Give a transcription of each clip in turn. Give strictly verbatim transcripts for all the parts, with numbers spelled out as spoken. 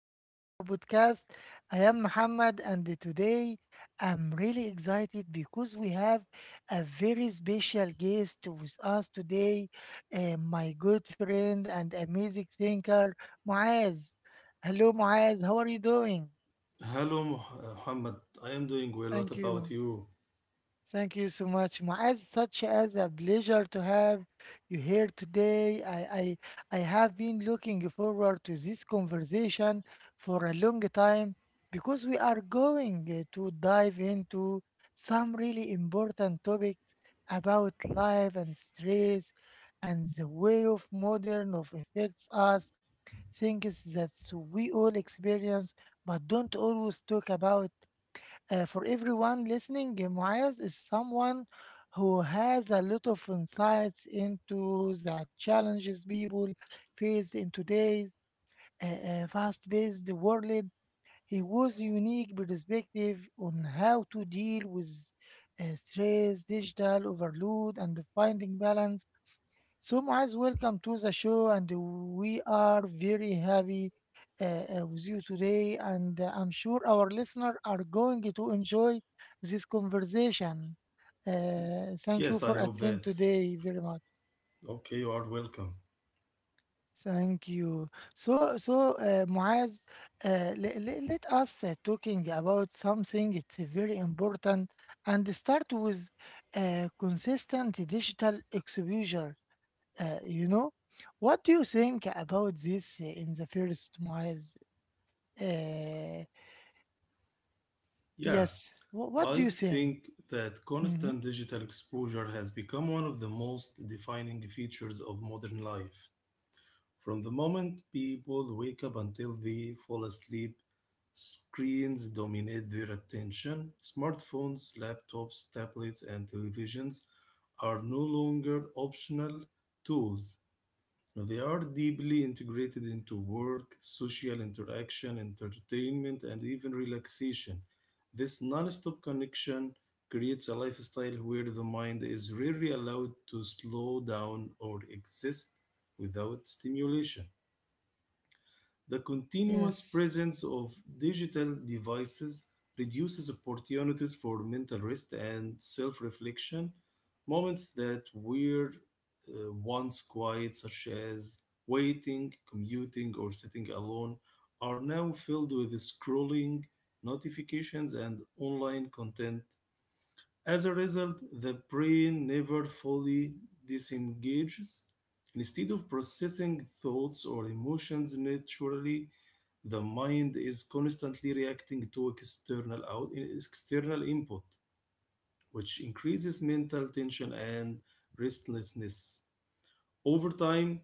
of our podcast. I am Muhammad, and today I'm really excited because we have a very special guest with us today, uh, my good friend and amazing thinker, Muaz. Hello, Muaz, how are you doing? Hello, Moh- Muhammad. I am doing well. What Thank about you. you? Thank you so much, Muaz. Such as a pleasure to have you here today. I, I, I have been looking forward to this conversation for a long time because we are going uh, to dive into some really important topics about life and stress and the way of modern of affects us, things that we all experience but don't always talk about. Uh, for everyone listening, uh, Muaz is someone who has a lot of insights into the challenges people face in today's uh, uh, fast-paced world. He was a unique perspective on how to deal with uh, stress, digital overload, and finding balance. So, Muaz, welcome to the show, and we are very happy uh, uh, with you today. And uh, I'm sure our listeners are going to enjoy this conversation. Uh, thank you Yes, for I hope attending that. today very much. Okay, you are welcome. Thank you. So, so uh, Muaz, uh, le- le- let us uh, talking about something. It's uh, very important, and start with uh, consistent digital exposure. Uh, you know, what do you think about this uh, in the first, Muaz? Uh, Yeah, yes, wh- what do I you think? think that Hmm. constant digital exposure has become one of the most defining features of modern life. From the moment people wake up until they fall asleep, screens dominate their attention. Smartphones, laptops, tablets, and televisions are no longer optional tools. Now, they are deeply integrated into work, social interaction, entertainment, and even relaxation. This non-stop connection creates a lifestyle where the mind is rarely allowed to slow down or exist without stimulation. The continuous Yes, presence of digital devices reduces opportunities for mental rest and self reflection. Moments that were uh, once quiet, such as waiting, commuting, or sitting alone, are now filled with scrolling, notifications, and online content. As a result, the brain never fully disengages. Instead of processing thoughts or emotions naturally, the mind is constantly reacting to external out, external input, which increases mental tension and restlessness. Over time,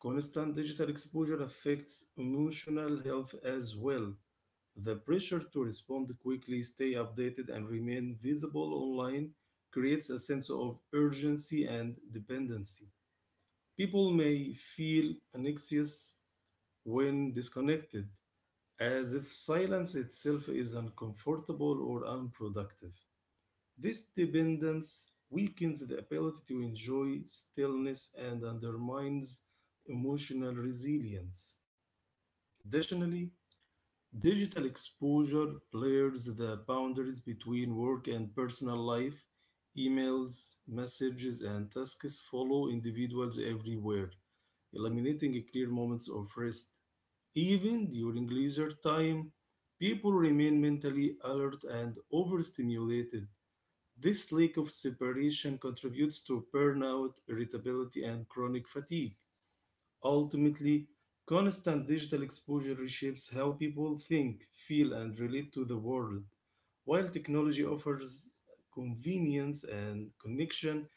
constant digital exposure affects emotional health as well. The pressure to respond quickly, stay updated, and remain visible online creates a sense of urgency and dependency. People may feel anxious when disconnected, as if silence itself is uncomfortable or unproductive. This dependence weakens the ability to enjoy stillness and undermines emotional resilience. Additionally, digital exposure blurs the boundaries between work and personal life. Emails, messages, and tasks follow individuals everywhere, eliminating clear moments of rest. Even during leisure time, people remain mentally alert and overstimulated. This lack of separation contributes to burnout, irritability, and chronic fatigue. Ultimately, constant digital exposure reshapes how people think, feel, and relate to the world. While technology offers convenience and connection,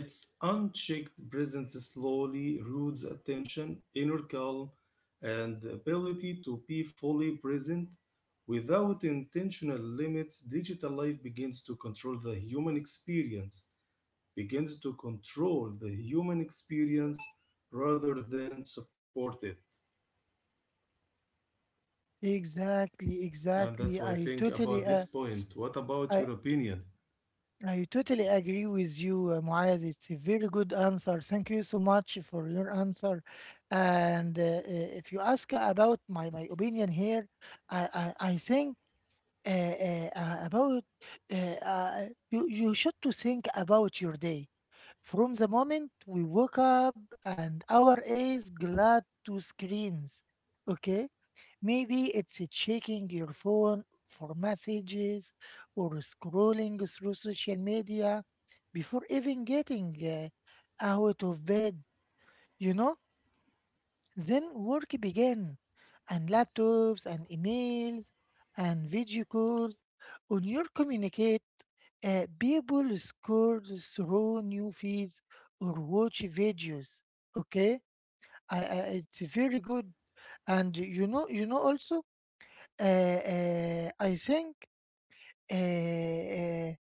its unchecked presence slowly erodes attention, inner calm, and the ability to be fully present. Without intentional limits, digital life begins to control the human experience begins to control the human experience rather than support it. exactly, And that's exactly. why I I think about totally, this uh, point. What about I, your opinion? I totally agree with you, uh, Muaz. It's a very good answer. Thank you so much for your answer. And uh, uh, if you ask about my, my opinion here, I, I, I think uh, uh, uh, about uh, uh, you, you should to think about your day. From the moment we woke up and our eyes glad to screens, okay? Maybe it's checking your phone for messages or scrolling through social media before even getting uh, out of bed, you know? Then work began, and laptops and emails and video calls. On your communicate, uh, people scroll through new feeds or watch videos. Okay, I, I, it's very good. And you know, you know also, uh, uh, I think uh, uh,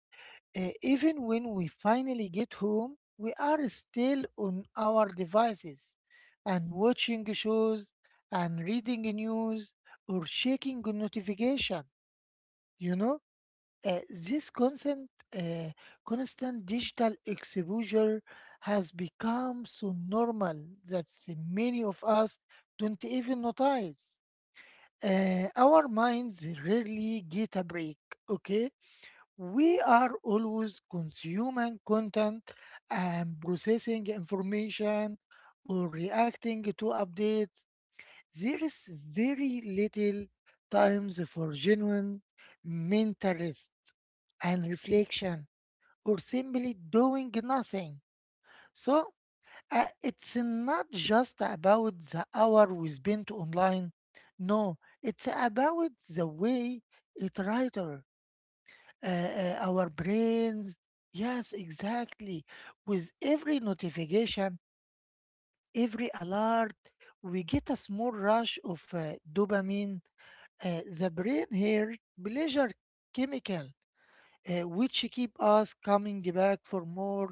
uh, even when we finally get home, we are still on our devices and watching shows and reading news or checking notification. You know, Uh, this constant, uh, constant digital exposure has become so normal that many of us don't even notice. Uh, our minds rarely get a break. Okay, we are always consuming content and processing information or reacting to updates. There is very little times for genuine mental rest and reflection or simply doing nothing. So, uh, it's not just about the hour we spent online. No, it's about the way it writer uh, uh, our brains. Yes, exactly. With every notification, every alert, we get a small rush of uh, dopamine, uh, the brain here pleasure chemical, uh, which keep us coming back for more.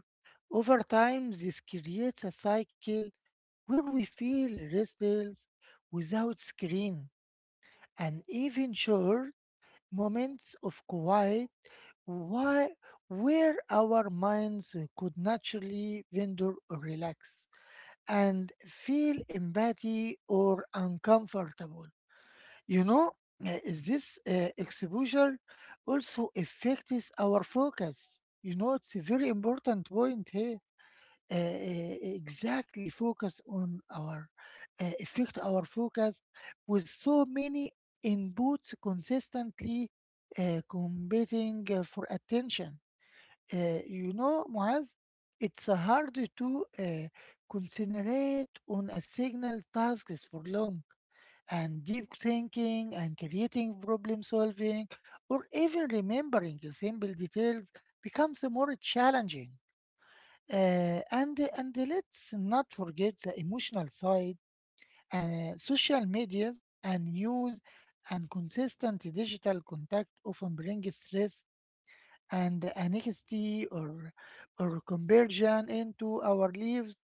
Over time, this creates a cycle where we feel restless without screen, and even short moments of quiet why where our minds uh, could naturally wander or relax and feel empathy or uncomfortable, you know. Uh, this uh, exposure also affects our focus, you know. It's a very important point here. Uh, uh, exactly, focus on our uh, affect our focus with so many inputs consistently uh, competing uh, for attention. Uh, you know, Muaz, it's uh, hard to uh, concentrate on a single task for long, and deep thinking and creating problem solving, or even remembering the simple details becomes more challenging. Uh, and and let's not forget the emotional side. Uh, social medias and news and consistent digital contact often bring stress and N X T or or conversion into our lives,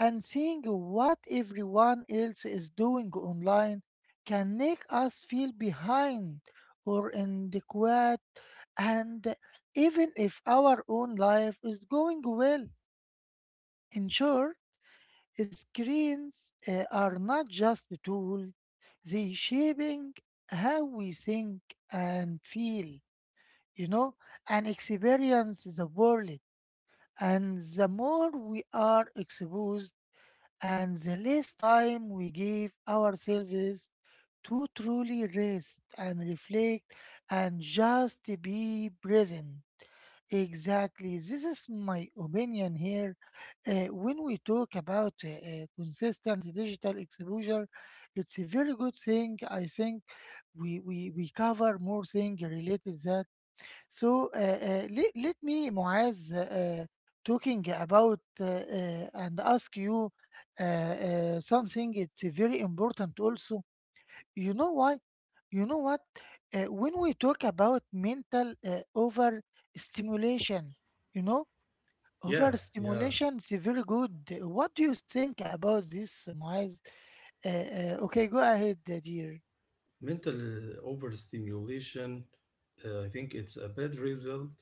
and seeing what everyone else is doing online can make us feel behind or inadequate, and even if our own life is going well. In short, screens uh, are not just a tool, they shaping how we think and feel, you know, and experience the world, and the more we are exposed and the less time we give ourselves to truly rest and reflect and just be present. Exactly. This is my opinion here. Uh, when we talk about uh, uh, consistent digital exposure, it's a very good thing. I think we, we, we cover more things related that. So uh, uh, let, let me, Muaz, uh, talking about uh, uh, and ask you uh, uh, something. It's very important also. You know why? You know what? Uh, when we talk about mental uh, overstimulation, you know, Yeah, yeah. overstimulation is very good. What do you think about this, Muaz? Uh, uh, okay, go ahead, uh, dear. Mental uh, overstimulation, uh, I think it's a bad result.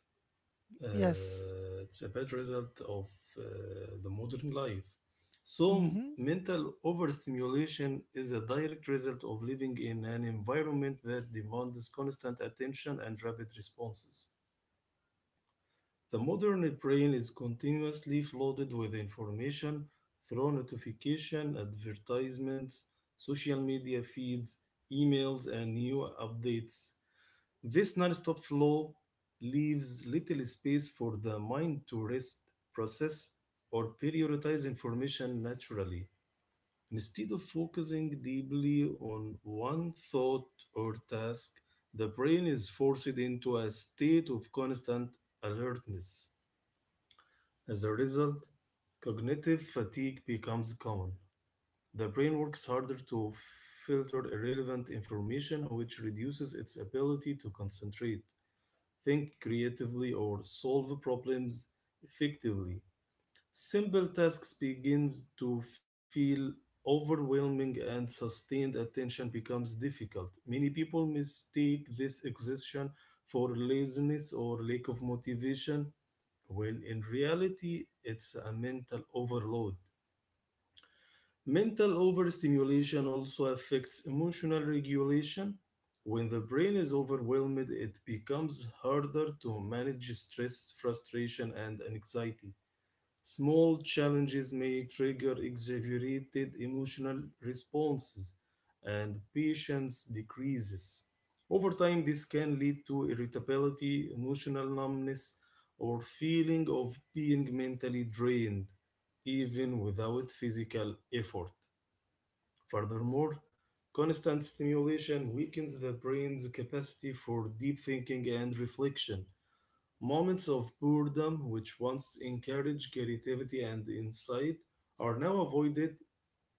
Yes. Uh, it's a bad result of uh, the modern life. So, Mm-hmm. mental overstimulation is a direct result of living in an environment that demands constant attention and rapid responses. The modern brain is continuously flooded with information through notification, advertisements, social media feeds, emails, and new updates. This non-stop flow leaves little space for the mind to rest, process, or prioritize information naturally. Instead of focusing deeply on one thought or task, the brain is forced into a state of constant alertness. As a result, cognitive fatigue becomes common. The brain works harder to filter irrelevant information, which reduces its ability to concentrate, think creatively, or solve problems effectively. Simple tasks begins to feel overwhelming and sustained attention becomes difficult. Many people mistake this exhaustion for laziness or lack of motivation, when in reality it's a mental overload. Mental overstimulation also affects emotional regulation. When the brain is overwhelmed, it becomes harder to manage stress, frustration, and anxiety. Small challenges may trigger exaggerated emotional responses and patience decreases. Over time, this can lead to irritability, emotional numbness, or feeling of being mentally drained, even without physical effort. Furthermore, constant stimulation weakens the brain's capacity for deep thinking and reflection. Moments of boredom, which once encouraged creativity and insight, are now avoided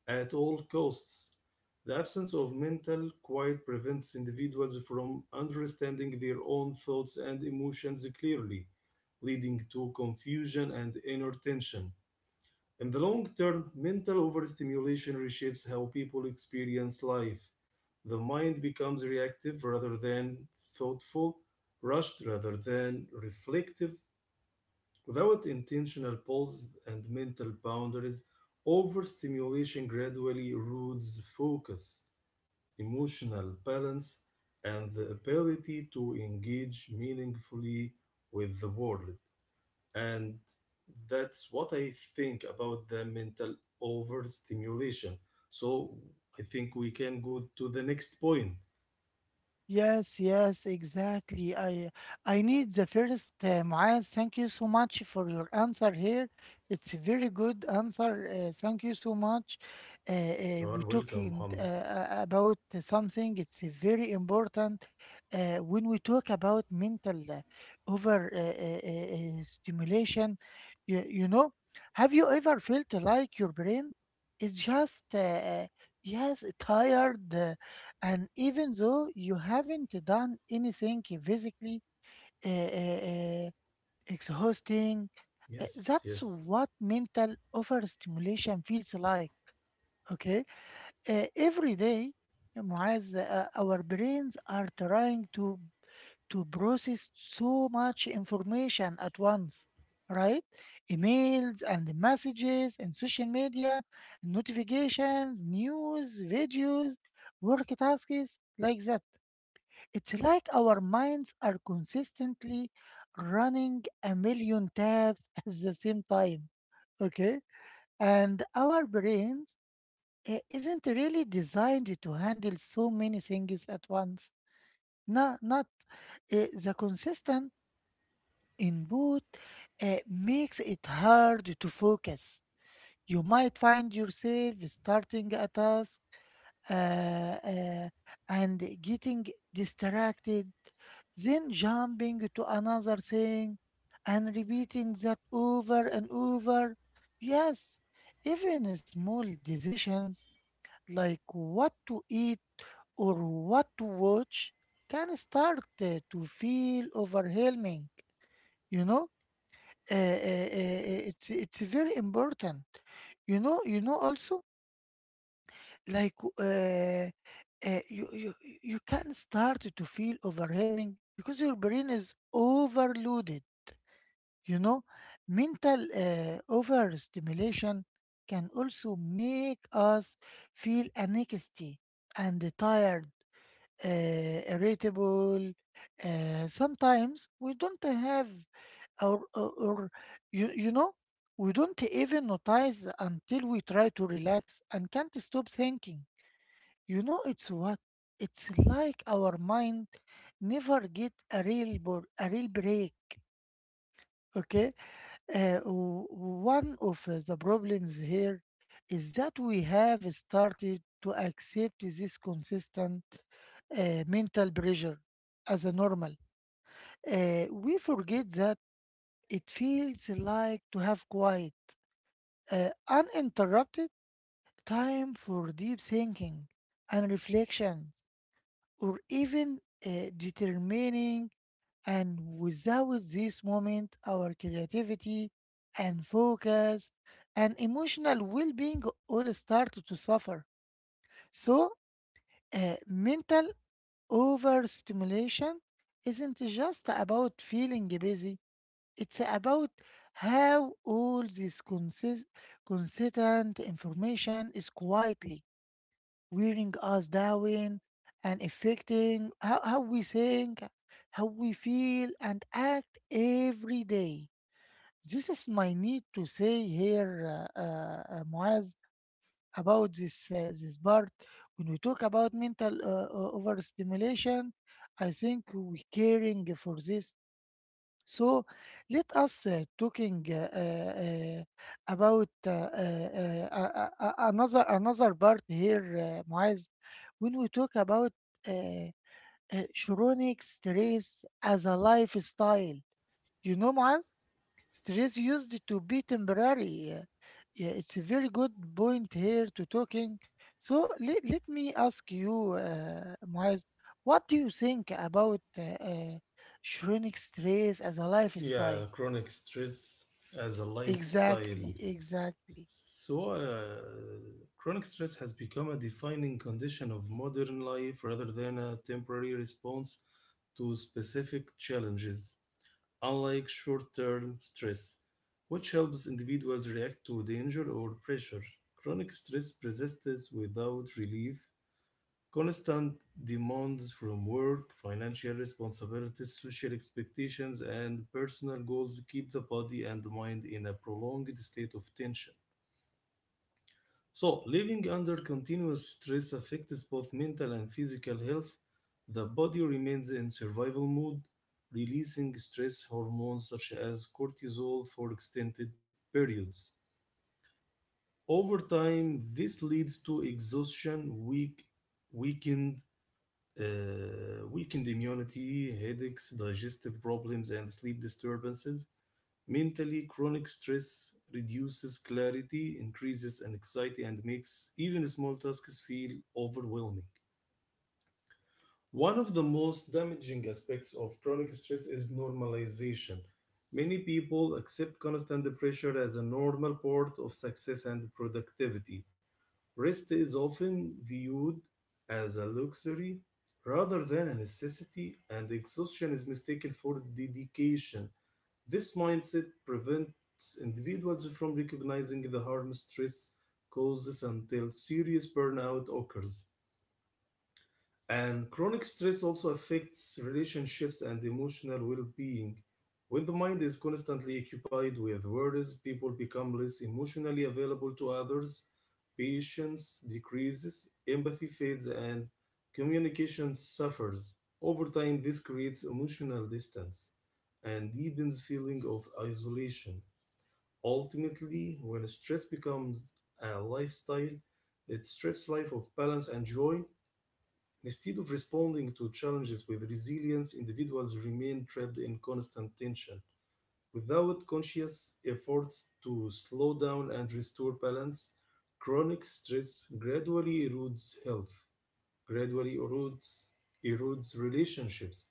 at all costs. The absence of mental quiet prevents individuals from understanding their own thoughts and emotions clearly, leading to confusion and inner tension. In the long term, mental overstimulation reshapes how people experience life. The mind becomes reactive rather than thoughtful, rushed rather than reflective. Without intentional pause and mental boundaries, overstimulation gradually erodes focus, emotional balance, and the ability to engage meaningfully with the world. And that's what I think about the mental overstimulation. So I think we can go to the next point. Yes, yes, exactly. I I need the first, uh, Maaz. Thank you so much for your answer here. It's a very good answer. Uh, thank you so much. Uh, uh, You We are welcome, talking uh, Mohammed. uh, about something. It's uh, very important uh, when we talk about mental uh, over uh, uh, uh, uh, stimulation. You, you know, have you ever felt like your brain is just uh, uh, yes tired? And even though you haven't done anything physically uh, uh, uh, exhausting, uh, Yes, that's yes. what mental overstimulation feels like. Okay, uh, every day, eh, Muaz, uh, our brains are trying to to process so much information at once, right? Emails and messages and social media, notifications, news, videos, work tasks like that. It's like our minds are consistently running a million tabs at the same time. Okay? And our brains eh, isn't really designed to handle so many things at once. No, not eh, the consistent input eh, makes it hard to focus. You might find yourself starting at us uh, uh, and getting distracted, then jumping to another thing and repeating that over and over. Yes, even small decisions like what to eat or what to watch can start uh, to feel overwhelming, you know? Uh, uh, uh, uh, it's it's very important, you know, you know also, like uh, uh, you, you you can start to feel overwhelming because your brain is overloaded, you know. Mental uh, overstimulation can also make us feel anxiety and tired, uh, irritable. Uh, sometimes we don't have or, or, or you, you know, we don't even notice until we try to relax and can't stop thinking, you know. It's what it's like our mind never get a real bor- a real break. Okay, uh, w- one of uh, the problems here is that we have started to accept this consistent uh, mental pressure as a normal. Uh, we forget that it feels like to have quiet, uh, uninterrupted time for deep thinking and reflections, or even uh, determining. And without this moment, our creativity and focus and emotional well being all start to suffer. So, uh, mental overstimulation isn't just about feeling busy, it's about how all this consist- consistent information is quietly wearing us down and affecting how, how we think, how we feel, and act every day. This is my need to say here, uh, uh, uh, Muaz, about this uh, this part. When we talk about mental uh, uh, overstimulation, I think we caring for this. So let us uh, talking uh, uh, uh, about uh, uh, uh, uh, uh, another another part here, uh, Muaz. When we talk about uh, uh, chronic stress as a lifestyle, you know, Muaz. Stress used to be temporary. uh, Yeah, it's a very good point here to talking. So let, let me ask you, uh, Moaz, what do you think about uh, uh, chronic stress as a lifestyle? Yeah, chronic stress as a lifestyle. Exactly, exactly. So, uh, chronic stress has become a defining condition of modern life rather than a temporary response to specific challenges. Unlike short term stress, which helps individuals react to danger or pressure, chronic stress persists without relief. Constant demands from work, financial responsibilities, social expectations, and personal goals keep the body and mind in a prolonged state of tension. So, living under continuous stress affects both mental and physical health. The body remains in survival mode, releasing stress hormones such as cortisol for extended periods. Over time, this leads to exhaustion, weak, weakened, uh, weakened immunity, headaches, digestive problems, and sleep disturbances. Mentally, chronic stress reduces clarity, increases anxiety, and makes even small tasks feel overwhelming. One of the most damaging aspects of chronic stress is normalization. Many people accept constant pressure as a normal part of success and productivity. Rest is often viewed as a luxury rather than a necessity, and exhaustion is mistaken for dedication. This mindset prevents individuals from recognizing the harm stress causes until serious burnout occurs. And chronic stress also affects relationships and emotional well being. When the mind is constantly occupied with worries, people become less emotionally available to others. Patience decreases, empathy fades, and communication suffers. Over time, this creates emotional distance and deepens feeling of isolation. Ultimately, when stress becomes a lifestyle, it strips life of balance and joy. Instead of responding to challenges with resilience, individuals remain trapped in constant tension. Without conscious efforts to slow down and restore balance, chronic stress gradually erodes health, gradually erodes, erodes relationships,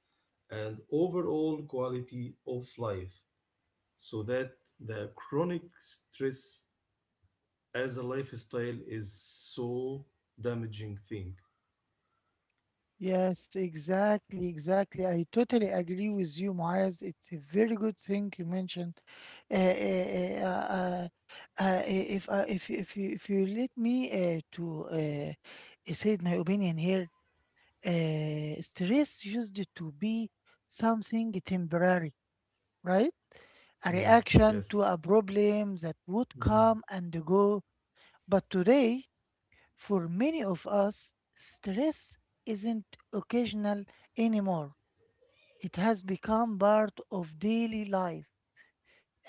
and overall quality of life. So that the chronic stress as a lifestyle is so damaging thing. Yes, exactly, exactly. I totally agree with you, Muaz. It's a very good thing you mentioned. Uh, uh, uh, uh, uh, uh, eh, if I, if you, if you if you let me uh, to uh, say my opinion here, uh, stress used to be something temporary, right? A Mm, reaction to yes. a problem that would Hmm. come and go. But today, for many of us, stress isn't occasional anymore. It has become part of daily life.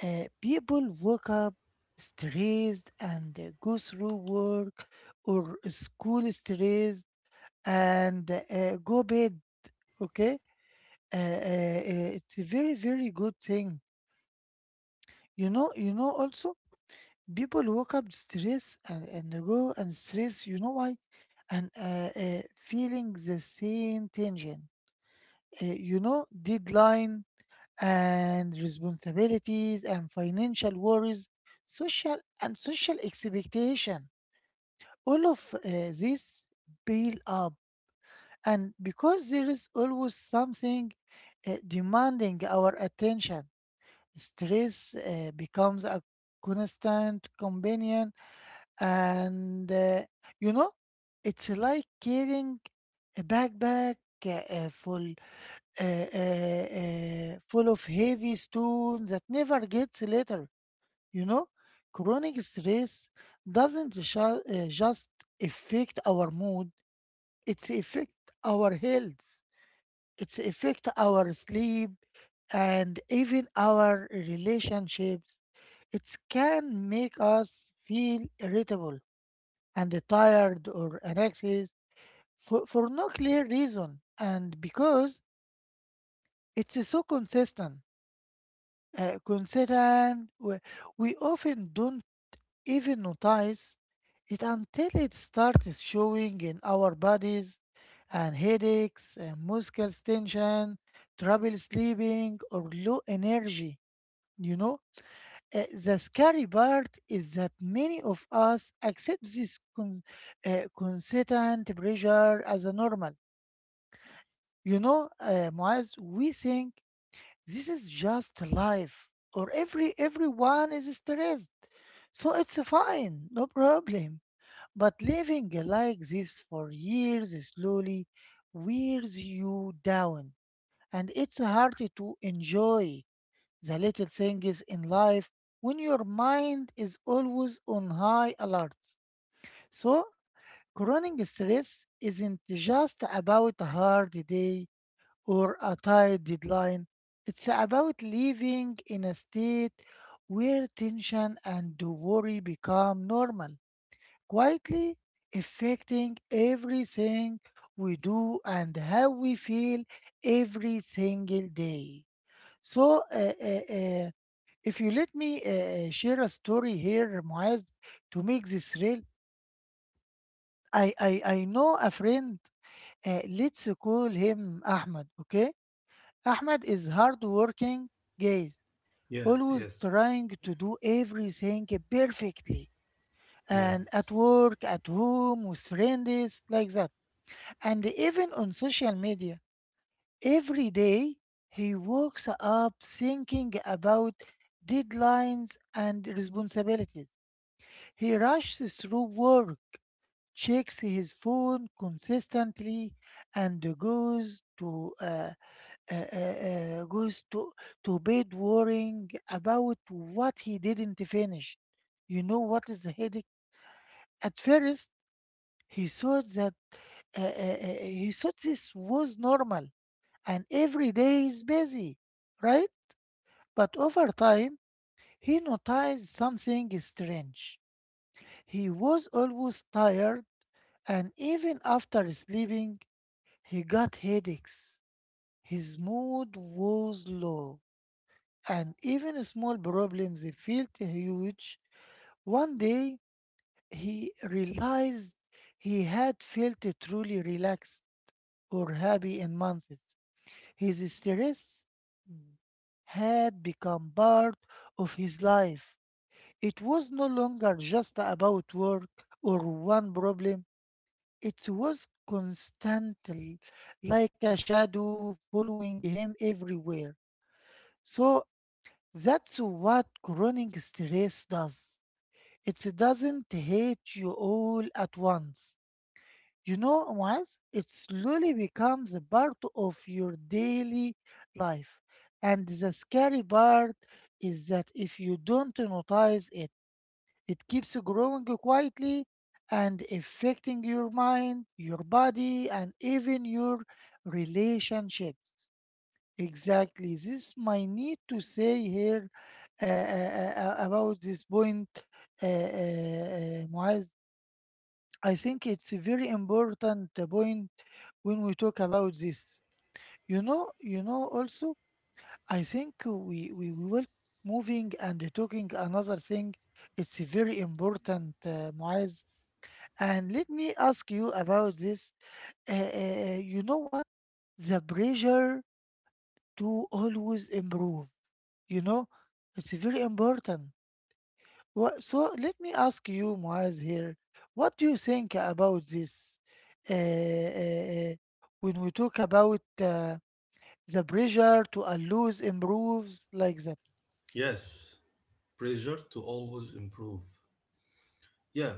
Uh, people wake up stressed and uh, go through work or school stressed and uh, go bed. Okay, uh, uh, uh, it's a very very good thing. You know, you know. Also, people wake up stressed, and, and they go and stress. You know why? And uh, uh, feeling the same tension. Uh, you know, deadline and responsibilities and financial worries, social and social expectation. All of uh, this build up, and because there is always something uh, demanding our attention, stress uh, becomes a constant companion, and uh, you know, it's like carrying a backpack uh, uh, full uh, uh, uh, full of heavy stone that never gets later. You know, chronic stress doesn't ju- uh, just affect our mood; it's affect our health. It's affect our sleep and even our relationships. It can make us feel irritable and tired or anxious for, for no clear reason, and because it's so consistent uh, consistent. We, we often don't even notice it until it starts showing in our bodies and headaches, and muscle tension, trouble sleeping, or low energy. You know, Uh, the scary part is that many of us accept this con- uh, constant pressure as a normal. You know, uh, Muaz, we think this is just life, or every everyone is stressed, so it's fine, no problem. But living like this for years slowly wears you down, and it's hard to enjoy the little things in life when your mind is always on high alert. So, chronic stress isn't just about a hard day or a tight deadline. It's about living in a state where tension and worry become normal, quietly affecting everything we do and how we feel every single day. So, uh, uh, uh, if you let me uh, uh, share a story here, Muaz, to make this real, I, I, I know a friend. Uh, let's call him Ahmed, okay? Ahmad is hardworking, guys, Yes, always yes, trying to do everything perfectly. yeah, And at work, at home, with friends, like that. And even on social media. Every day, he wakes up thinking about deadlines and responsibilities. He rushes through work, checks his phone consistently, and goes to uh, uh, uh, uh, goes to, to bed worrying about what he didn't finish. You know what is the headache? At first, he thought that uh, uh, uh, he thought this was normal, and every day is busy, right? But over time, he noticed something strange. He was always tired, and even after sleeping, he got headaches. His mood was low, and even small problems felt huge. One day, he realized he had felt truly relaxed or happy in months. His stress had become part of his life. It was no longer just about work or one problem. It was constantly like a shadow following him everywhere. So that's what chronic stress does. It doesn't hate you all at once. You know, once it slowly becomes a part of your daily life. And the scary part is that if you don't notice it, it keeps growing quietly and affecting your mind, your body, and even your relationships. Exactly. This my need to say here uh, uh, uh, uh, about this point, uh, uh, uh, Muaz. I think it's a very important uh, point when we talk about this. You know, you know. Also, I think we we, we will moving and talking another thing. It's a very important, uh, Muaz. And let me ask you about this. Uh, uh, you know what? The pressure to always improve. You know, it's very important. Wha- So let me ask you, Moaz, here. What do you think about this? Uh, uh, uh, when we talk about uh, the pressure to always improves like that. yes. Pressure to always improve. Yeah,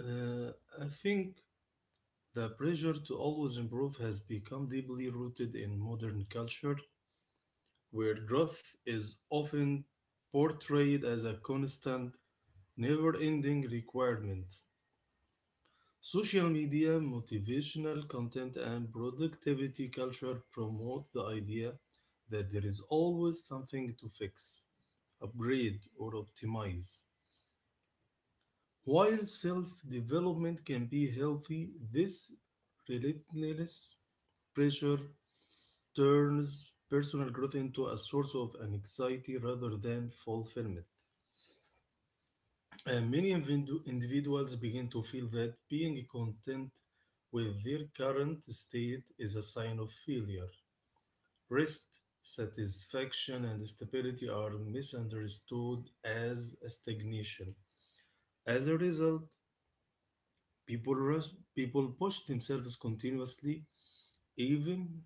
uh, I think the pressure to always improve has become deeply rooted in modern culture, where growth is often portrayed as a constant, never ending requirement. Social media, motivational content, and productivity culture promote the idea that there is always something to fix, upgrade, or optimize. While self development can be healthy, this relentless pressure turns personal growth into a source of anxiety rather than fulfillment. And many individu- individuals begin to feel that being content with their current state is a sign of failure. Rest, satisfaction, and stability are misunderstood as a stagnation. As a result, people, rush, people push themselves continuously, even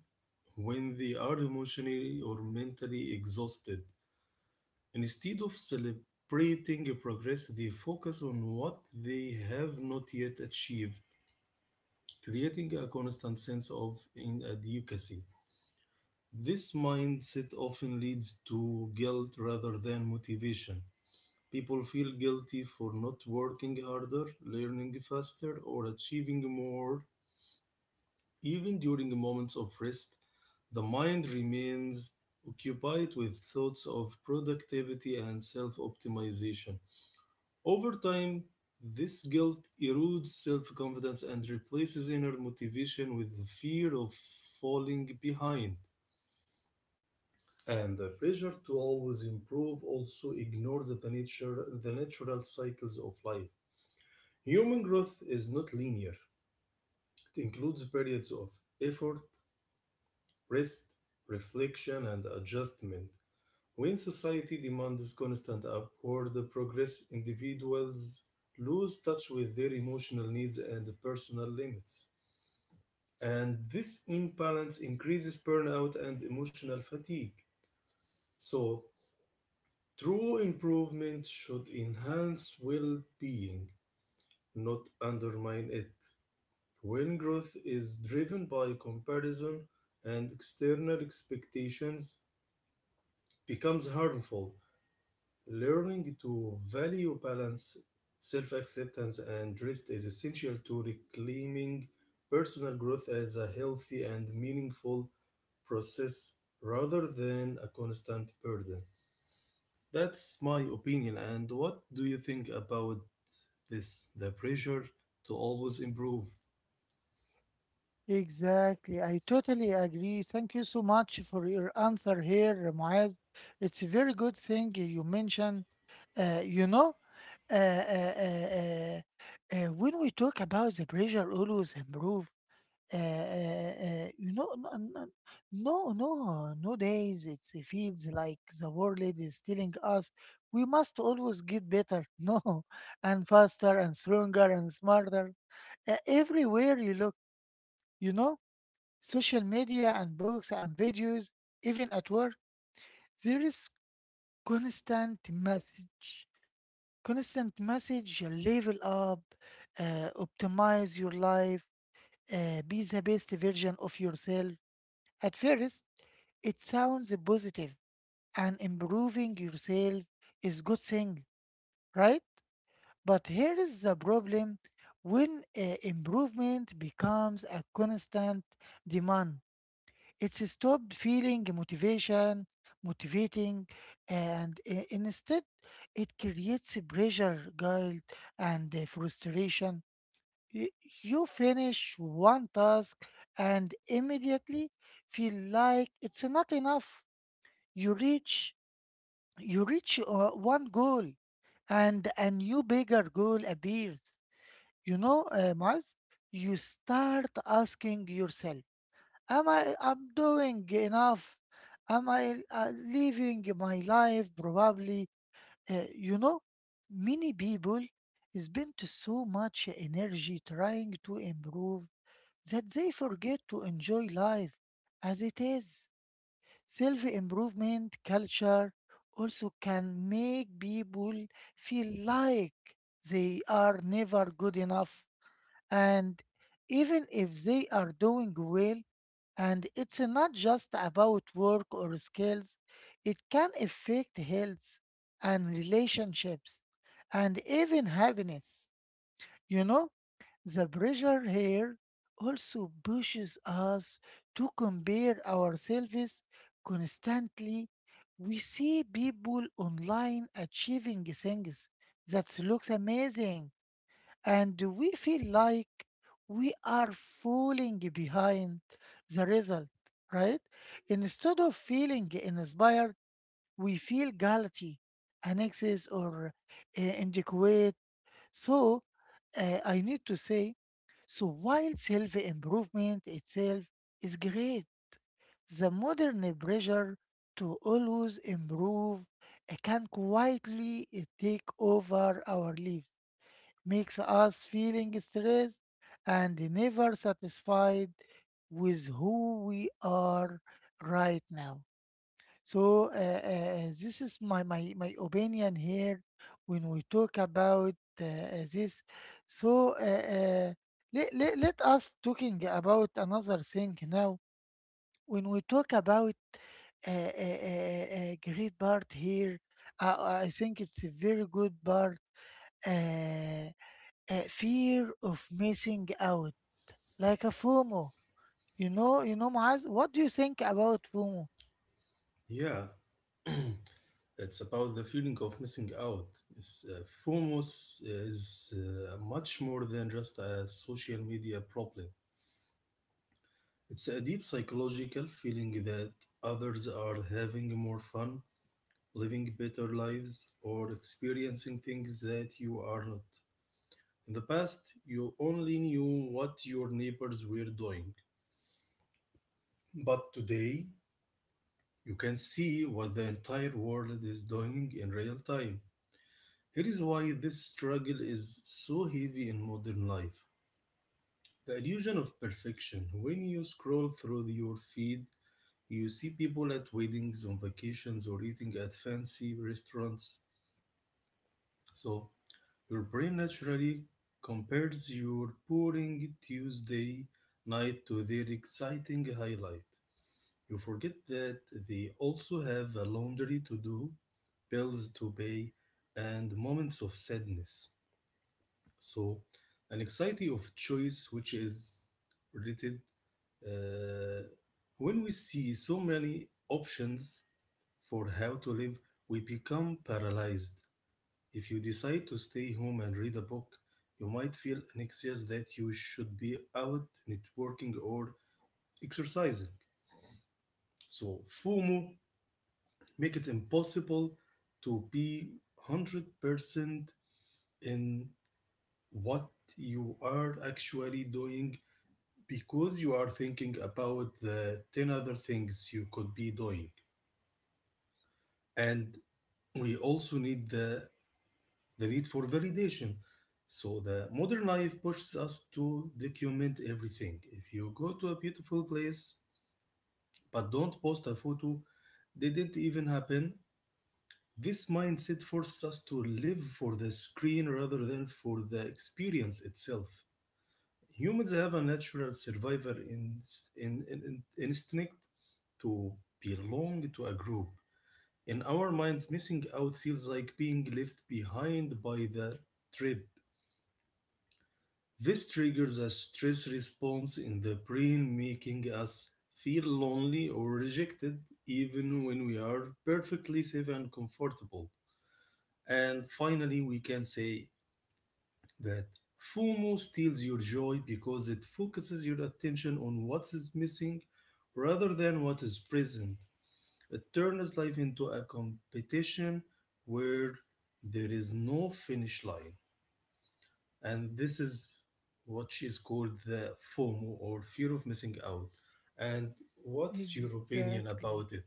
when they are emotionally or mentally exhausted. Instead of celebrating progress, they focus on what they have not yet achieved, creating a constant sense of inadequacy. This mindset often leads to guilt rather than motivation. People feel guilty for not working harder, learning faster, or achieving more. Even during moments of rest, the mind remains occupied with thoughts of productivity and self optimization. Over time, this guilt erodes self confidence and replaces inner motivation with the fear of falling behind. And the pressure to always improve also ignores the, nature, the natural cycles of life. Human growth is not linear, it includes periods of effort, rest, reflection, and adjustment. When society demands constant upward progress, individuals lose touch with their emotional needs and personal limits. And this imbalance increases burnout and emotional fatigue. So, true improvement should enhance well being, not undermine it. When growth is driven by comparison and external expectations, becomes harmful. Learning to value balance, self acceptance, and rest is essential to reclaiming personal growth as a healthy and meaningful process rather than a constant burden. That's my opinion. And what do you think about this? The pressure to always improve? Exactly. I totally agree. Thank you so much for your answer here, Muaz. It's a very good thing you mentioned. Uh, you know, uh, uh, uh, uh, uh, when we talk about the pressure always improve, uh, uh, uh, you know, n- n- no, no, nowadays it's, it feels like the world is telling us we must always get better, no, and faster and stronger and smarter. Uh, everywhere you look, you know, social media and books and videos, even at work, there is constant message. Constant message, level up, uh, optimize your life, uh, be the best version of yourself. At first, it sounds positive and improving yourself is good thing, right? But here is the problem when uh, improvement becomes a constant demand. It's stopped feeling motivation, motivating, and i- instead it creates pressure, guilt, and uh, frustration. Y- You finish one task and immediately feel like it's not enough. You reach you reach uh, one goal, and a new bigger goal appears. You know, uh, Maz, you start asking yourself, Am I I'm doing enough? Am I uh, living my life probably? Uh, you know, many people spend so much energy trying to improve that they forget to enjoy life as it is. Self improvement culture also can make people feel like they are never good enough, and even if they are doing well, and it's not just about work or skills, it can affect health and relationships and even happiness. You know, the pressure here also pushes us to compare ourselves constantly. We see people online achieving things that looks amazing, and we feel like we are falling behind the result, right? Instead of feeling inspired, we feel guilty, an excess, or uh, inadequate. So, uh, I need to say, so while self improvement itself is great, the modern pressure to always improve uh, can quietly uh, take over our lives, makes us feeling stressed and never satisfied with who we are right now. So uh, uh, uh, this is my, my, my opinion here when we talk about uh, uh, this. So uh, uh, let, let, let us talking about another thing now. When we talk about uh, uh, uh, uh, uh, great part here, uh, I think it's a very good part. Uh, a fear of missing out, like a FOMO. You know, you know, Maaz, what do you think about FOMO? Yeah, it's about the feeling of missing out. It's, uh, FOMOS is uh, much more than just a social media problem. It's a deep psychological feeling that others are having more fun, living better lives, or experiencing things that you are not. In the past, you only knew what your neighbors were doing. But today, you can see what the entire world is doing in real time. Here is why this struggle is so heavy in modern life. The illusion of perfection. When you scroll through your feed, you see people at weddings, on vacations, or eating at fancy restaurants. So your brain naturally compares your boring Tuesday night to their exciting highlight. You forget that they also have a laundry to do, bills to pay, and moments of sadness. So, an anxiety of choice, which is related. Uh, when we see so many options for how to live, we become paralyzed. If you decide to stay home and read a book, you might feel anxious that you should be out networking or exercising. So, FOMO make it impossible to be one hundred percent in what you are actually doing because you are thinking about the ten other things you could be doing. And we also need the, the need for validation. So the modern life pushes us to document everything. If you go to a beautiful place but don't post a photo, they didn't even happen. This mindset forces us to live for the screen rather than for the experience itself. Humans have a natural survivor in, in, in- instinct to belong to a group. In our minds, missing out feels like being left behind by the trip. This triggers a stress response in the brain, making us feel lonely or rejected, even when we are perfectly safe and comfortable. And finally, we can say that FOMO steals your joy because it focuses your attention on what is missing rather than what is present. It turns life into a competition where there is no finish line. And this is what is called the FOMO, or fear of missing out. And what's your opinion about Exactly, it?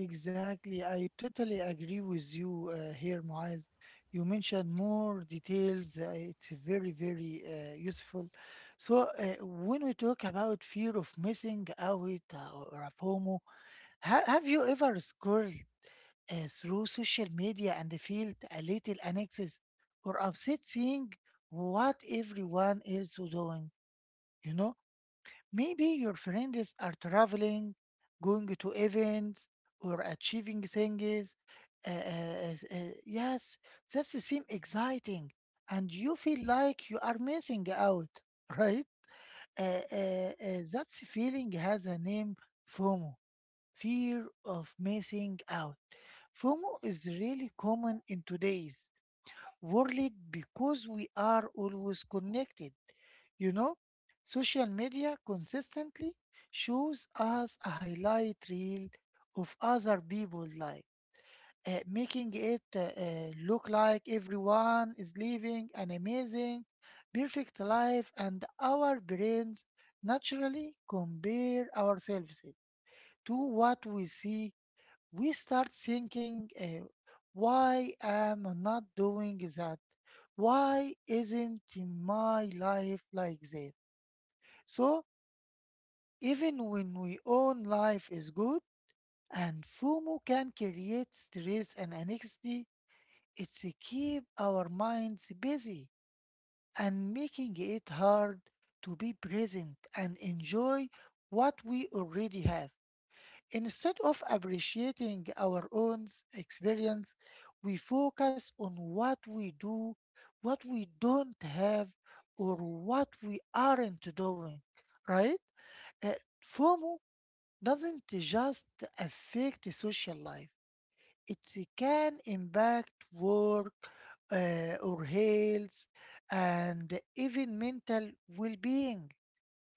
exactly. I totally agree with you uh, here, Muaz. You mentioned more details. Uh, it's very, very uh, useful. So, uh, when we talk about fear of missing out uh, or a FOMO, ha- have you ever scored uh, through social media and feel a little anxious or upset seeing what everyone else is doing. You know, maybe your friends are traveling, going to events, or achieving things. Uh, uh, uh, uh, yes, that seems exciting, and you feel like you are missing out, right? Uh, uh, uh, that feeling has a name, FOMO, fear of missing out. FOMO is really common in today's world because we are always connected. You know, social media consistently shows us a highlight reel of other people's life, uh, making it uh, uh, look like everyone is living an amazing, perfect life, and our brains naturally compare ourselves to what we see. We start thinking, uh, why am I not doing that? Why isn't my life like that? So, even when we own life is good, and FOMO can create stress and anxiety, it's keep our minds busy and making it hard to be present and enjoy what we already have. Instead of appreciating our own s- experience, we focus on what we do, what we don't have, or what we aren't doing, right? Uh, FOMO doesn't just affect social life, it can impact work uh, or health and even mental well being.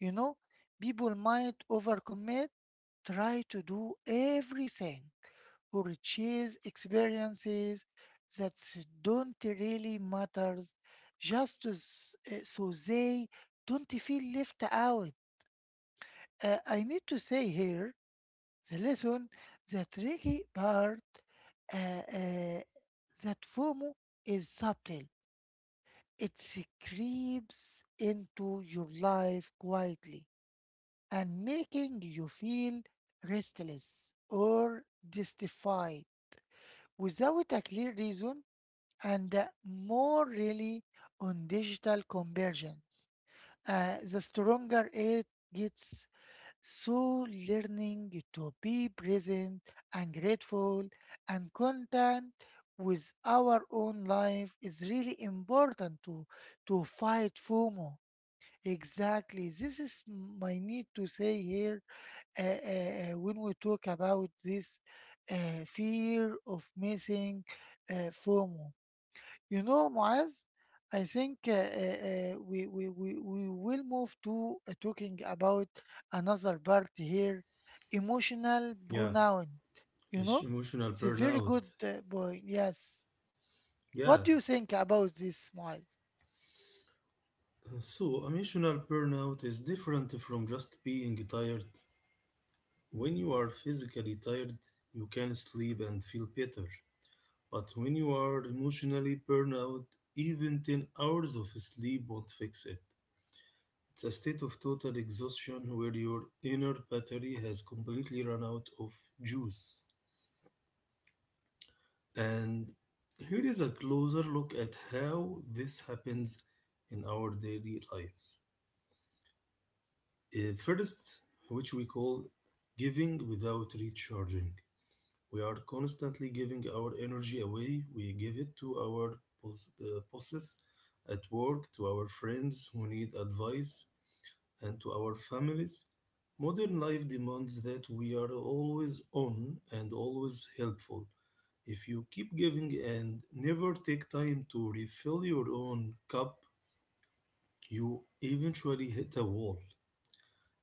You know, people might overcommit, try to do everything or chase experiences that don't really matter, just to s- uh, so they don't feel left out. Uh, I need to say here the lesson, the tricky part uh, uh, that FOMO is subtle. It creeps into your life quietly and making you feel restless or justified without a clear reason, and uh, more really on digital convergence. Uh, the stronger it gets, so learning to be present and grateful and content with our own life is really important to to fight FOMO. Exactly, this is my need to say here uh, uh, uh, when we talk about this uh, fear of missing, uh, FOMO. You know, Muaz, I think uh, uh, uh, we, we, we, we will move to uh, talking about another part here, emotional Yeah, pronoun. You it's know, emotional it's a very good burnout. uh, point. Yes. Yeah. What do you think about this, Muaz? So, emotional burnout is different from just being tired. When you are physically tired, you can sleep and feel better. But when you are emotionally burned out, even ten hours of sleep won't fix it. It's a state of total exhaustion where your inner battery has completely run out of juice. And here is a closer look at how this happens in our daily lives. Uh, First, which we call giving without recharging. We are constantly giving our energy away. We give it to our boss- uh, bosses at work, to our friends who need advice, and to our families. Modern life demands that we are always on and always helpful. If you keep giving and never take time to refill your own cup, you eventually hit a wall.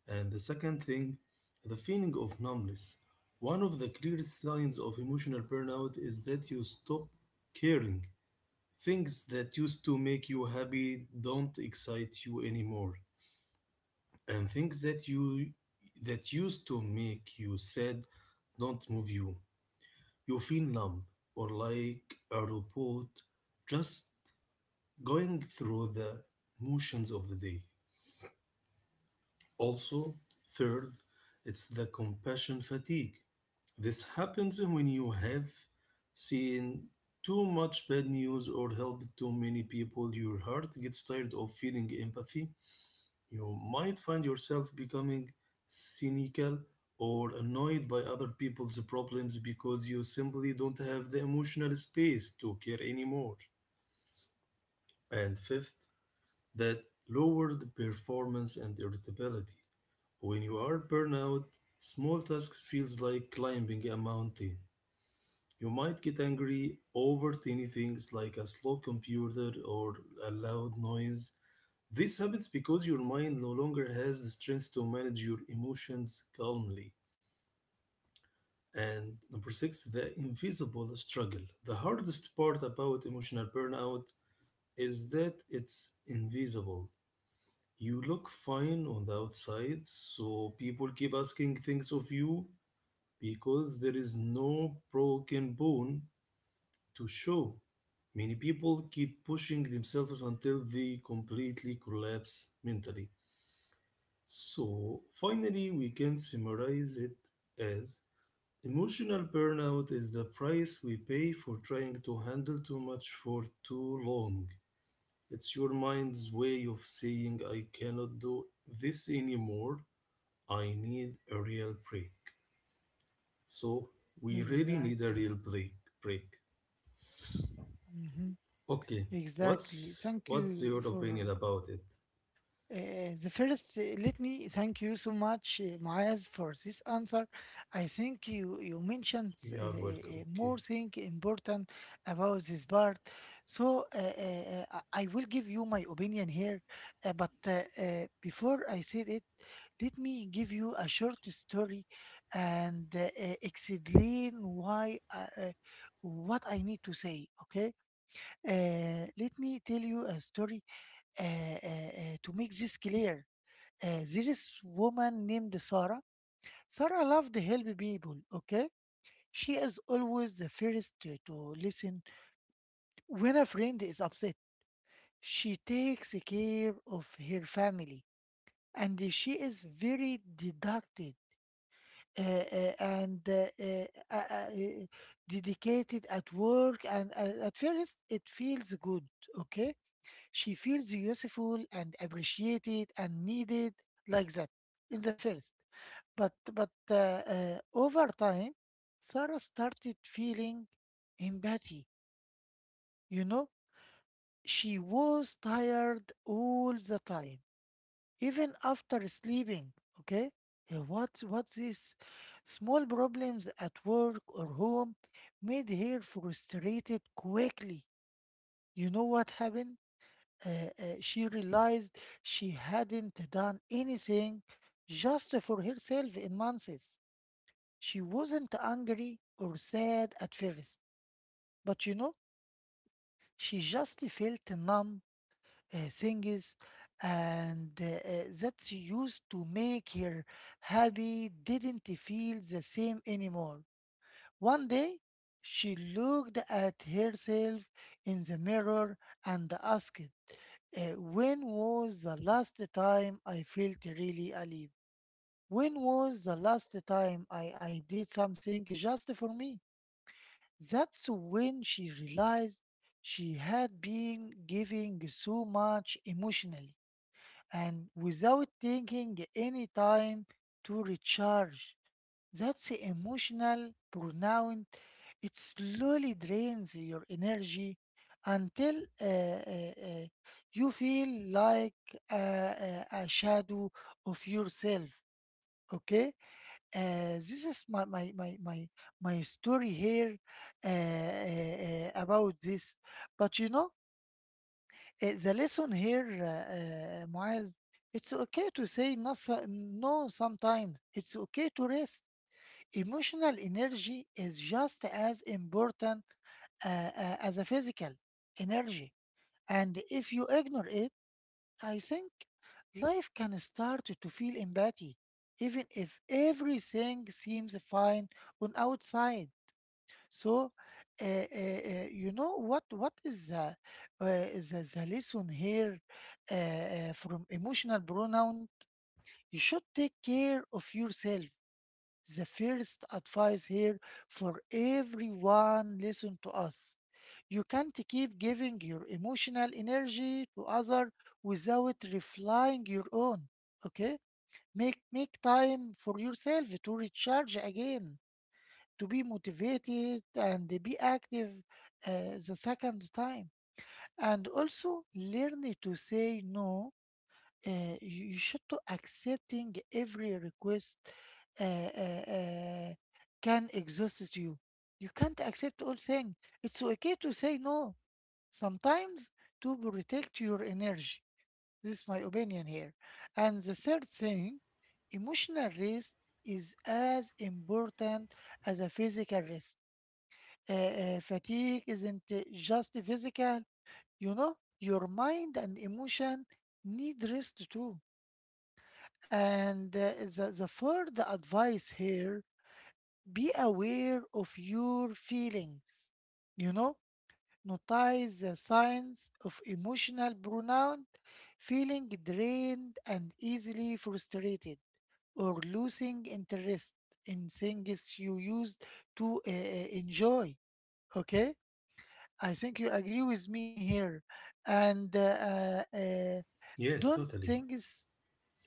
And the second thing, the feeling of numbness. One of the clearest signs of emotional burnout is that you stop caring. Things that used to make you happy don't excite you anymore. And things that you that used to make you sad don't move you. You feel numb or like a robot just going through the motions of the day. Also, third, it's the compassion fatigue. This happens when you have seen too much bad news or helped too many people. Your heart gets tired of feeling empathy. You might find yourself becoming cynical or annoyed by other people's problems because you simply don't have the emotional space to care anymore. And fifth, that lowered performance and irritability. When you are burnout, small tasks feels like climbing a mountain. You might get angry over tiny things like a slow computer or a loud noise. This happens because your mind no longer has the strength to manage your emotions calmly. And number six, the invisible struggle. The hardest part about emotional burnout is that it's invisible. You look fine on the outside, so people keep asking things of you, because there is no broken bone to show. Many people keep pushing themselves until they completely collapse mentally. So, finally, we can summarize it as emotional burnout is the price we pay for trying to handle too much for too long. It's your mind's way of saying, I cannot do this anymore. I need a real break. So we really need a real Exactly. break. Break. Hmm. Okay. Exactly. What's Thank what's you your for. opinion about it? Uh, the first, uh, let me thank you so much, uh, Maaz, for this answer. I think you you mentioned uh, You are uh, welcome. Okay. more thing important about this part. So uh, uh, uh, I I will give you my opinion here, uh, but uh, uh, before I said it, let me give you a short story and uh, uh, explain why uh, uh, what I need to say. Okay, uh, let me tell you a story uh, uh, uh, to make this clear. Uh, there is woman named Sarah. Sarah loved to help people. Okay, she is always the first to, to listen when a friend is upset. She takes care of her family, and she is very deducted uh, uh, and uh, uh, uh, uh, dedicated at work. And uh, at first, it feels good. Okay, she feels useful and appreciated and needed like that in the first. But but uh, uh, over time, Sarah started feeling empathy. You know, she was tired all the time, even after sleeping. Okay, uh, what what these small problems at work or home made her frustrated quickly. You know what happened? Uh, uh, she realized she hadn't done anything just for herself in months. She wasn't angry or sad at first, but you know, she just felt numb uh, things, and uh, uh, that she used to make her happy didn't feel the same anymore. One day, she looked at herself in the mirror and asked, "Uh, "When was the last time I felt really alive? When was the last time I, I did something just for me?" That's when she realized she had been giving so much emotionally and without taking any time to recharge. That's emotional burnout. It slowly drains your energy until uh, uh, uh, you feel like a, a a shadow of yourself. Okay? Uh, this is my my my my, my story here uh, uh, uh, about this. But you know, uh, the lesson here, uh, uh, Muaz, it's okay to say no, so- no sometimes. It's okay to rest. Emotional energy is just as important uh, uh, as a physical energy. And if you ignore it, I think life can start to feel empty, even if everything seems fine on outside. So, uh, uh, uh, you know what? What is the uh, the, the lesson here uh, uh, from emotional pronoun? You should take care of yourself. The first advice here for everyone listen to us. You can't keep giving your emotional energy to other without reflying your own. Okay? Make make time for yourself to recharge again, to be motivated and be active uh, the second time. And also learn to say no. Uh, you you should to accepting every request uh, uh, uh, can exhaust you. You can't accept all things. It's okay to say no sometimes to protect your energy. This is my opinion here. And the third thing, emotional rest is as important as a physical rest. Uh, uh, fatigue isn't uh, just physical, you know, your mind and emotion need rest too. And uh, the, the third advice here be aware of your feelings. You know, notice the signs of emotional burnout, feeling drained and easily frustrated, or losing interest in things you used to uh, uh, enjoy. Okay, I think you agree with me here, and uh, uh, uh, Yes, don't totally. things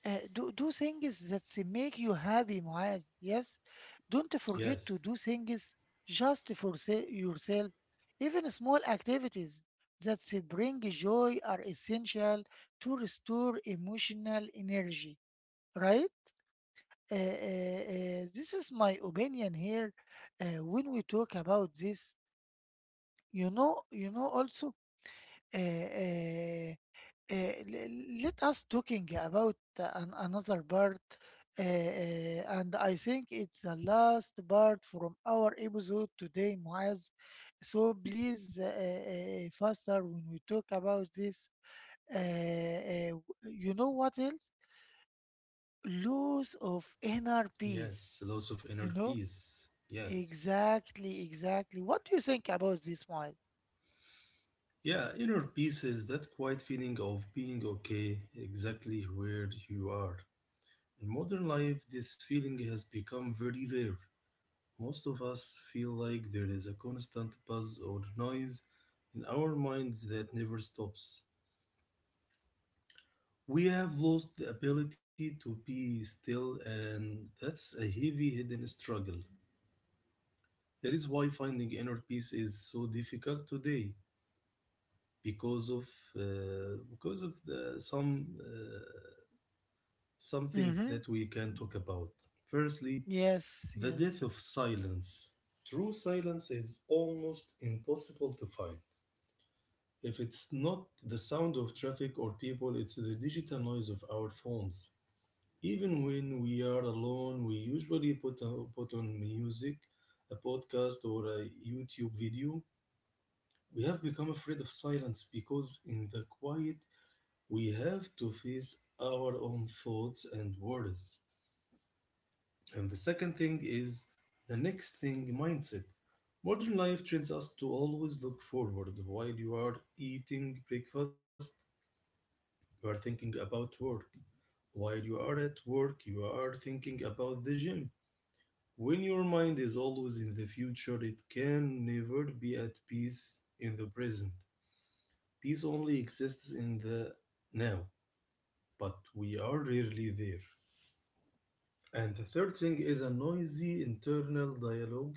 uh, do do things that s- make you happy, Muaz. Yes, don't forget Yes. to do things just for se- yourself. Even small activities that s- bring joy are essential to restore emotional energy. Right? Uh, uh, uh, this is my opinion here. Uh, when we talk about this, you know, you know also. Uh, uh, uh, l- let us talking about an, another part uh, uh, and I think it's the last part from our episode today, Muaz. So please uh, uh, faster when we talk about this, uh, uh, you know what else, loss of inner Yes. peace, Loss of inner you know, peace. Yes. exactly, exactly what do you think about this, Muaz? Yeah, inner peace is that quiet feeling of being okay exactly where you are. In modern life, this feeling has become very rare. Most of us feel like there is a constant buzz or noise in our minds that never stops. We have lost the ability to be still, and that's a heavy hidden struggle. That is why finding inner peace is so difficult today, because of uh, because of the, some uh, some things Mm-hmm. that we can talk about. Firstly, Yes, the death of yes. silence. True silence is almost impossible to find. If it's not the sound of traffic or people, it's the digital noise of our phones. Even when we are alone, we usually put, on put on music, a podcast, or a YouTube video. We have become afraid of silence because in the quiet, we have to face our own thoughts and worries. And the second thing is the next thing mindset. Modern life trains us to always look forward. While you are eating breakfast, you are thinking about work. While you are at work, you are thinking about the gym. When your mind is always in the future, it can never be at peace in the present. Peace only exists in the now, but we are rarely there. And the third thing is a noisy internal dialogue.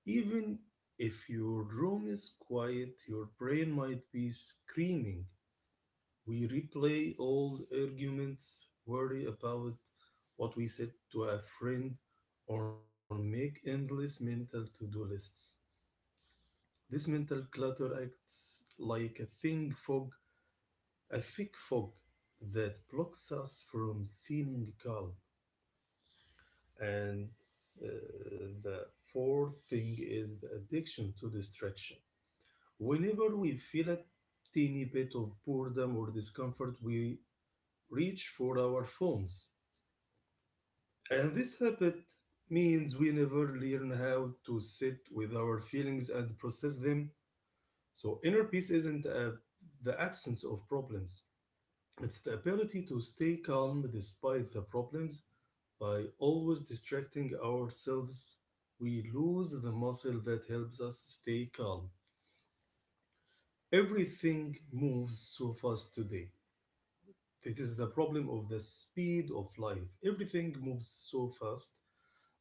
Even if your room is quiet, your brain might be screaming. We replay old arguments, worry about what we said to a friend, or make endless mental to do lists. This mental clutter acts like a thin fog, a thick fog that blocks us from feeling calm. And uh, the fourth thing is the addiction to distraction. Whenever we feel a teeny bit of boredom or discomfort, we reach for our phones. And this habit means we never learn how to sit with our feelings and process them. So, inner peace isn't uh, the absence of problems, it's the ability to stay calm despite the problems. By always distracting ourselves, we lose the muscle that helps us stay calm. Everything moves so fast today. This is the problem of the speed of life. Everything moves so fast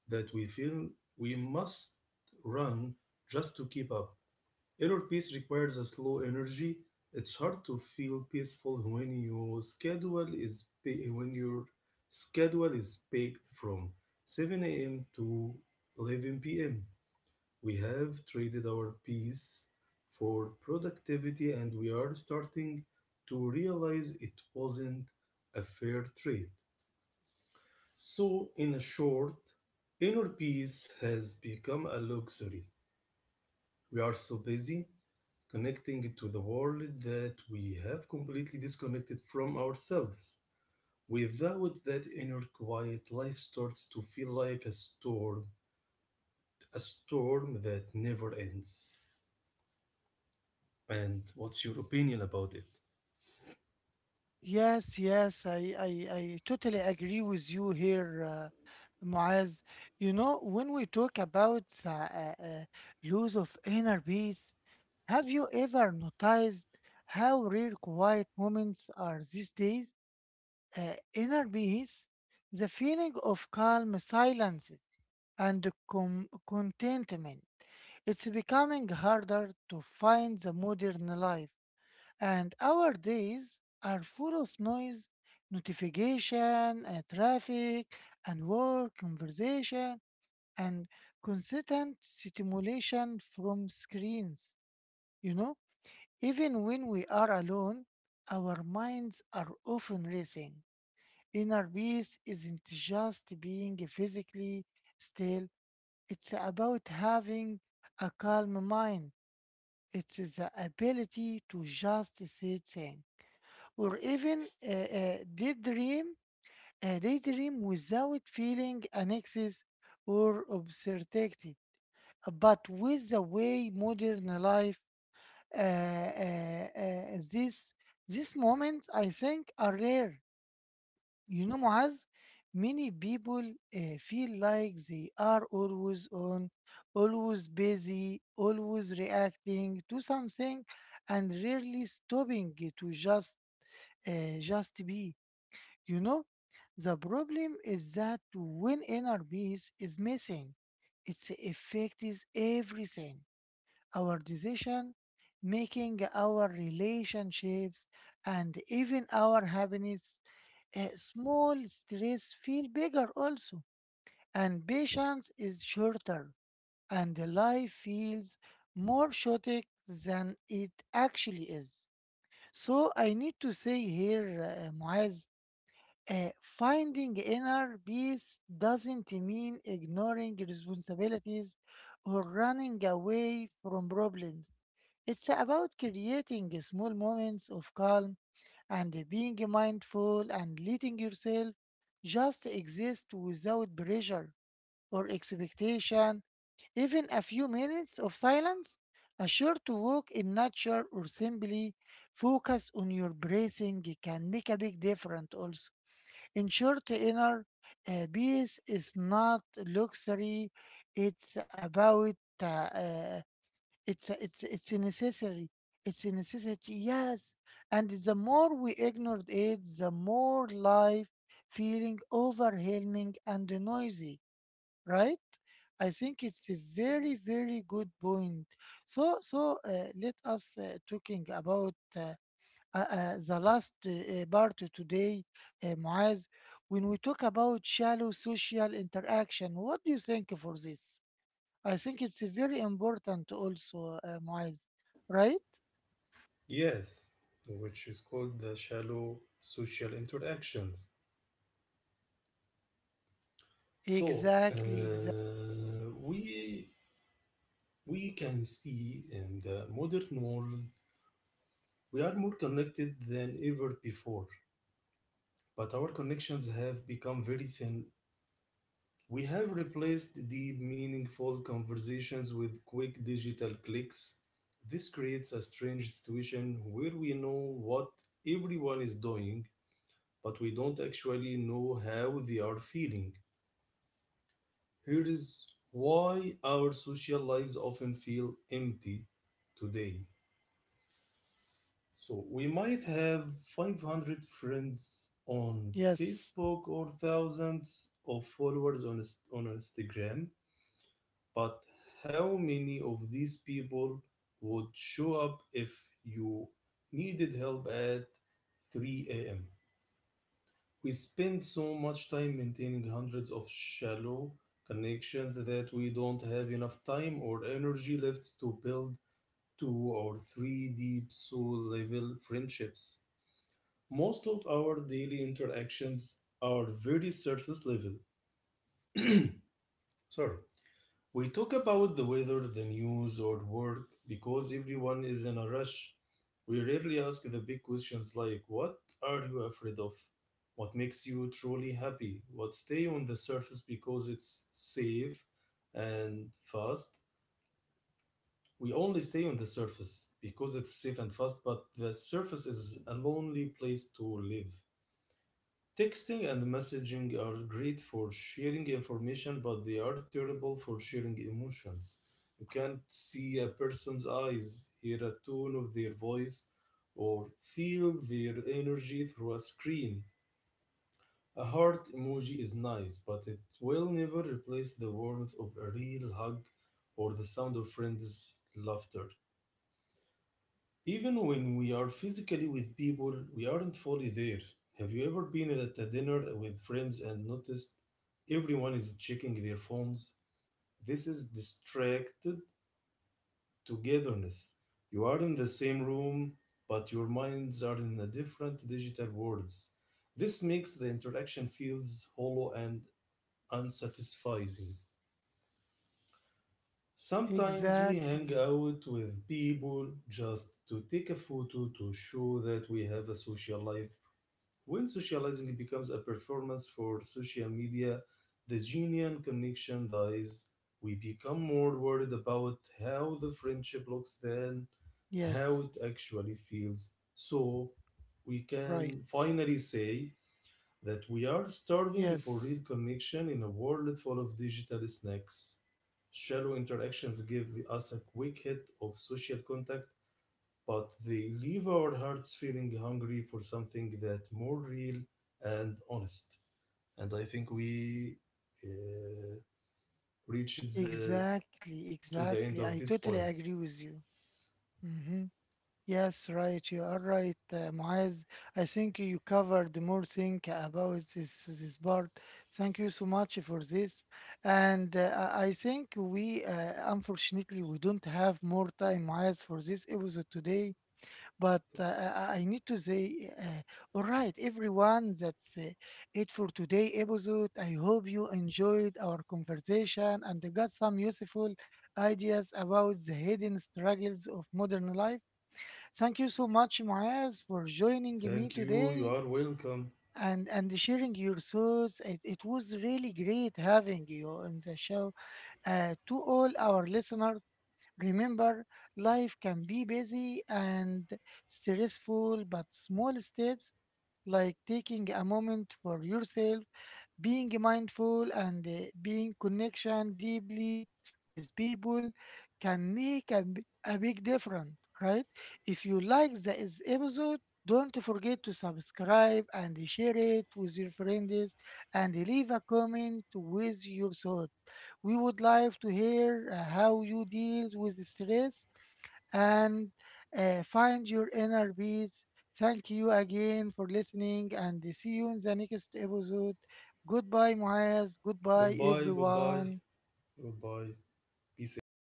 that we feel we must run just to keep up. Inner peace requires a slow energy. It's hard to feel peaceful when your schedule is pa- when your schedule is baked from seven a m to eleven p m. We have traded our peace for productivity, and we are starting to realize it wasn't a fair trade. So, in a short, inner peace has become a luxury. We are so busy connecting to the world that we have completely disconnected from ourselves. Without that inner quiet, life starts to feel like a storm, a storm that never ends. And what's your opinion about it? Yes, yes, I, I, I totally agree with you here, uh, Muaz. You know, when we talk about uh, uh, uh, loss of inner peace, have you ever noticed how rare quiet moments are these days? Uh, inner peace, the feeling of calm silence and com contentment. It's becoming harder to find the modern life and our days are full of noise, notification, and traffic, and work, conversation, and constant stimulation from screens. You know, even when we are alone, our minds are often racing. Inner peace isn't just being physically still, it's about having a calm mind. It's the ability to just sit in or even uh, uh, daydream, uh, daydream without feeling an excess or obscenity. But with the way modern life, uh, uh, uh, this these moments, I think, are rare. You know, Muaz, many people uh, feel like they are always on, always busy, always reacting to something, and rarely stopping to just uh, just be. You know, the problem is that when inner peace is missing, it affects everything, our decision making, our relationships, and even our happiness. A small stress feel bigger also, and patience is shorter, and the life feels more chaotic than it actually is. So I need to say here, uh, Muaz, uh, finding inner peace doesn't mean ignoring responsibilities or running away from problems. It's about creating small moments of calm and being mindful and letting yourself just exist without pressure or expectation. Even a few minutes of silence, a short walk in nature, or simply focus on your breathing can make a big difference also. In short, inner uh, peace is not luxury. It's about uh, uh, it's it's it's a necessary. It's a necessity. Yes, and the more we ignored it, the more life feeling overwhelming and noisy. Right? I think it's a very very good point. So so uh, let us uh, talking about. Uh, uh, uh, the last uh, uh, part today, uh, Muaz, when we talk about shallow social interaction. What do you think for this? I think it's uh, very important also, uh, Muaz, right? Yes, which is called the shallow social interactions. So Exactly, exactly. uh, we we can see in the modern world we are more connected than ever before, but our connections have become very thin. We have replaced deep, meaningful conversations with quick digital clicks. This creates a strange situation where we know what everyone is doing, but we don't actually know how they are feeling. Here is why our social lives often feel empty today. So we might have five hundred friends on Yes, Facebook or thousands of followers on, Inst- on Instagram, but how many of these people would show up if you needed help at three a m? We spend so much time maintaining hundreds of shallow connections that we don't have enough time or energy left to build two or three deep soul level friendships. Most of our daily interactions are very surface level. Sorry. We talk about the weather, the news, or work because everyone is in a rush. We rarely ask the big questions like what are you afraid of? What makes you truly happy? What stay on the surface because it's safe and fast? We only stay on the surface because it's safe and fast, but the surface is a lonely place to live. Texting and messaging are great for sharing information, but they are terrible for sharing emotions. You can't see a person's eyes, hear a tone of their voice, or feel their energy through a screen. A heart emoji is nice, but it will never replace the warmth of a real hug or the sound of friends' laughter. Even when we are physically with people, we aren't fully there. Have you ever been at a dinner with friends and noticed everyone is checking their phones? This is distracted togetherness. You are in the same room, but your minds are in a different digital worlds. This makes the interaction feels hollow and unsatisfying. Sometimes we hang exactly. out with people just to take a photo to show that we have a social life. When socializing becomes a performance for social media, the genuine connection dies. We become more worried about how the friendship looks than how Yes, it actually feels. So, we can right. finally say that we are starving for real Yes, connection in a world full of digital snacks. Shallow interactions give us a quick hit of social contact, but they leave our hearts feeling hungry for something that more real and honest. And I think we uh, reached the exactly, to the end exactly. of I this totally point. agree with you. Mhm. Yes, right. You are right, uh, Muaz. I think you covered more thing about this this part. Thank you so much for this. And uh, I I think we, uh, unfortunately, we don't have more time, Muaz, for this episode today. But uh, I I need to say, uh, all right, everyone, that's uh, it for today episode. I hope you enjoyed our conversation and got some useful ideas about the hidden struggles of modern life. Thank you so much, Muaz, for joining me Thank you. You today are welcome. and, and sharing your thoughts. It, it was really great having you on the show. Uh, to all our listeners, remember, life can be busy and stressful, but small steps like taking a moment for yourself, being mindful, and uh, being connection deeply with people can make a, b- a big difference. Right? If you like this episode, don't forget to subscribe and share it with your friends, and leave a comment with your thought. We would like to hear uh, how you deal with stress and uh, find your inner peace. Thank you again for listening and see you in the next episode. Goodbye, Muaz. Goodbye, Goodbye. Goodbye. everyone. Goodbye. Be safe.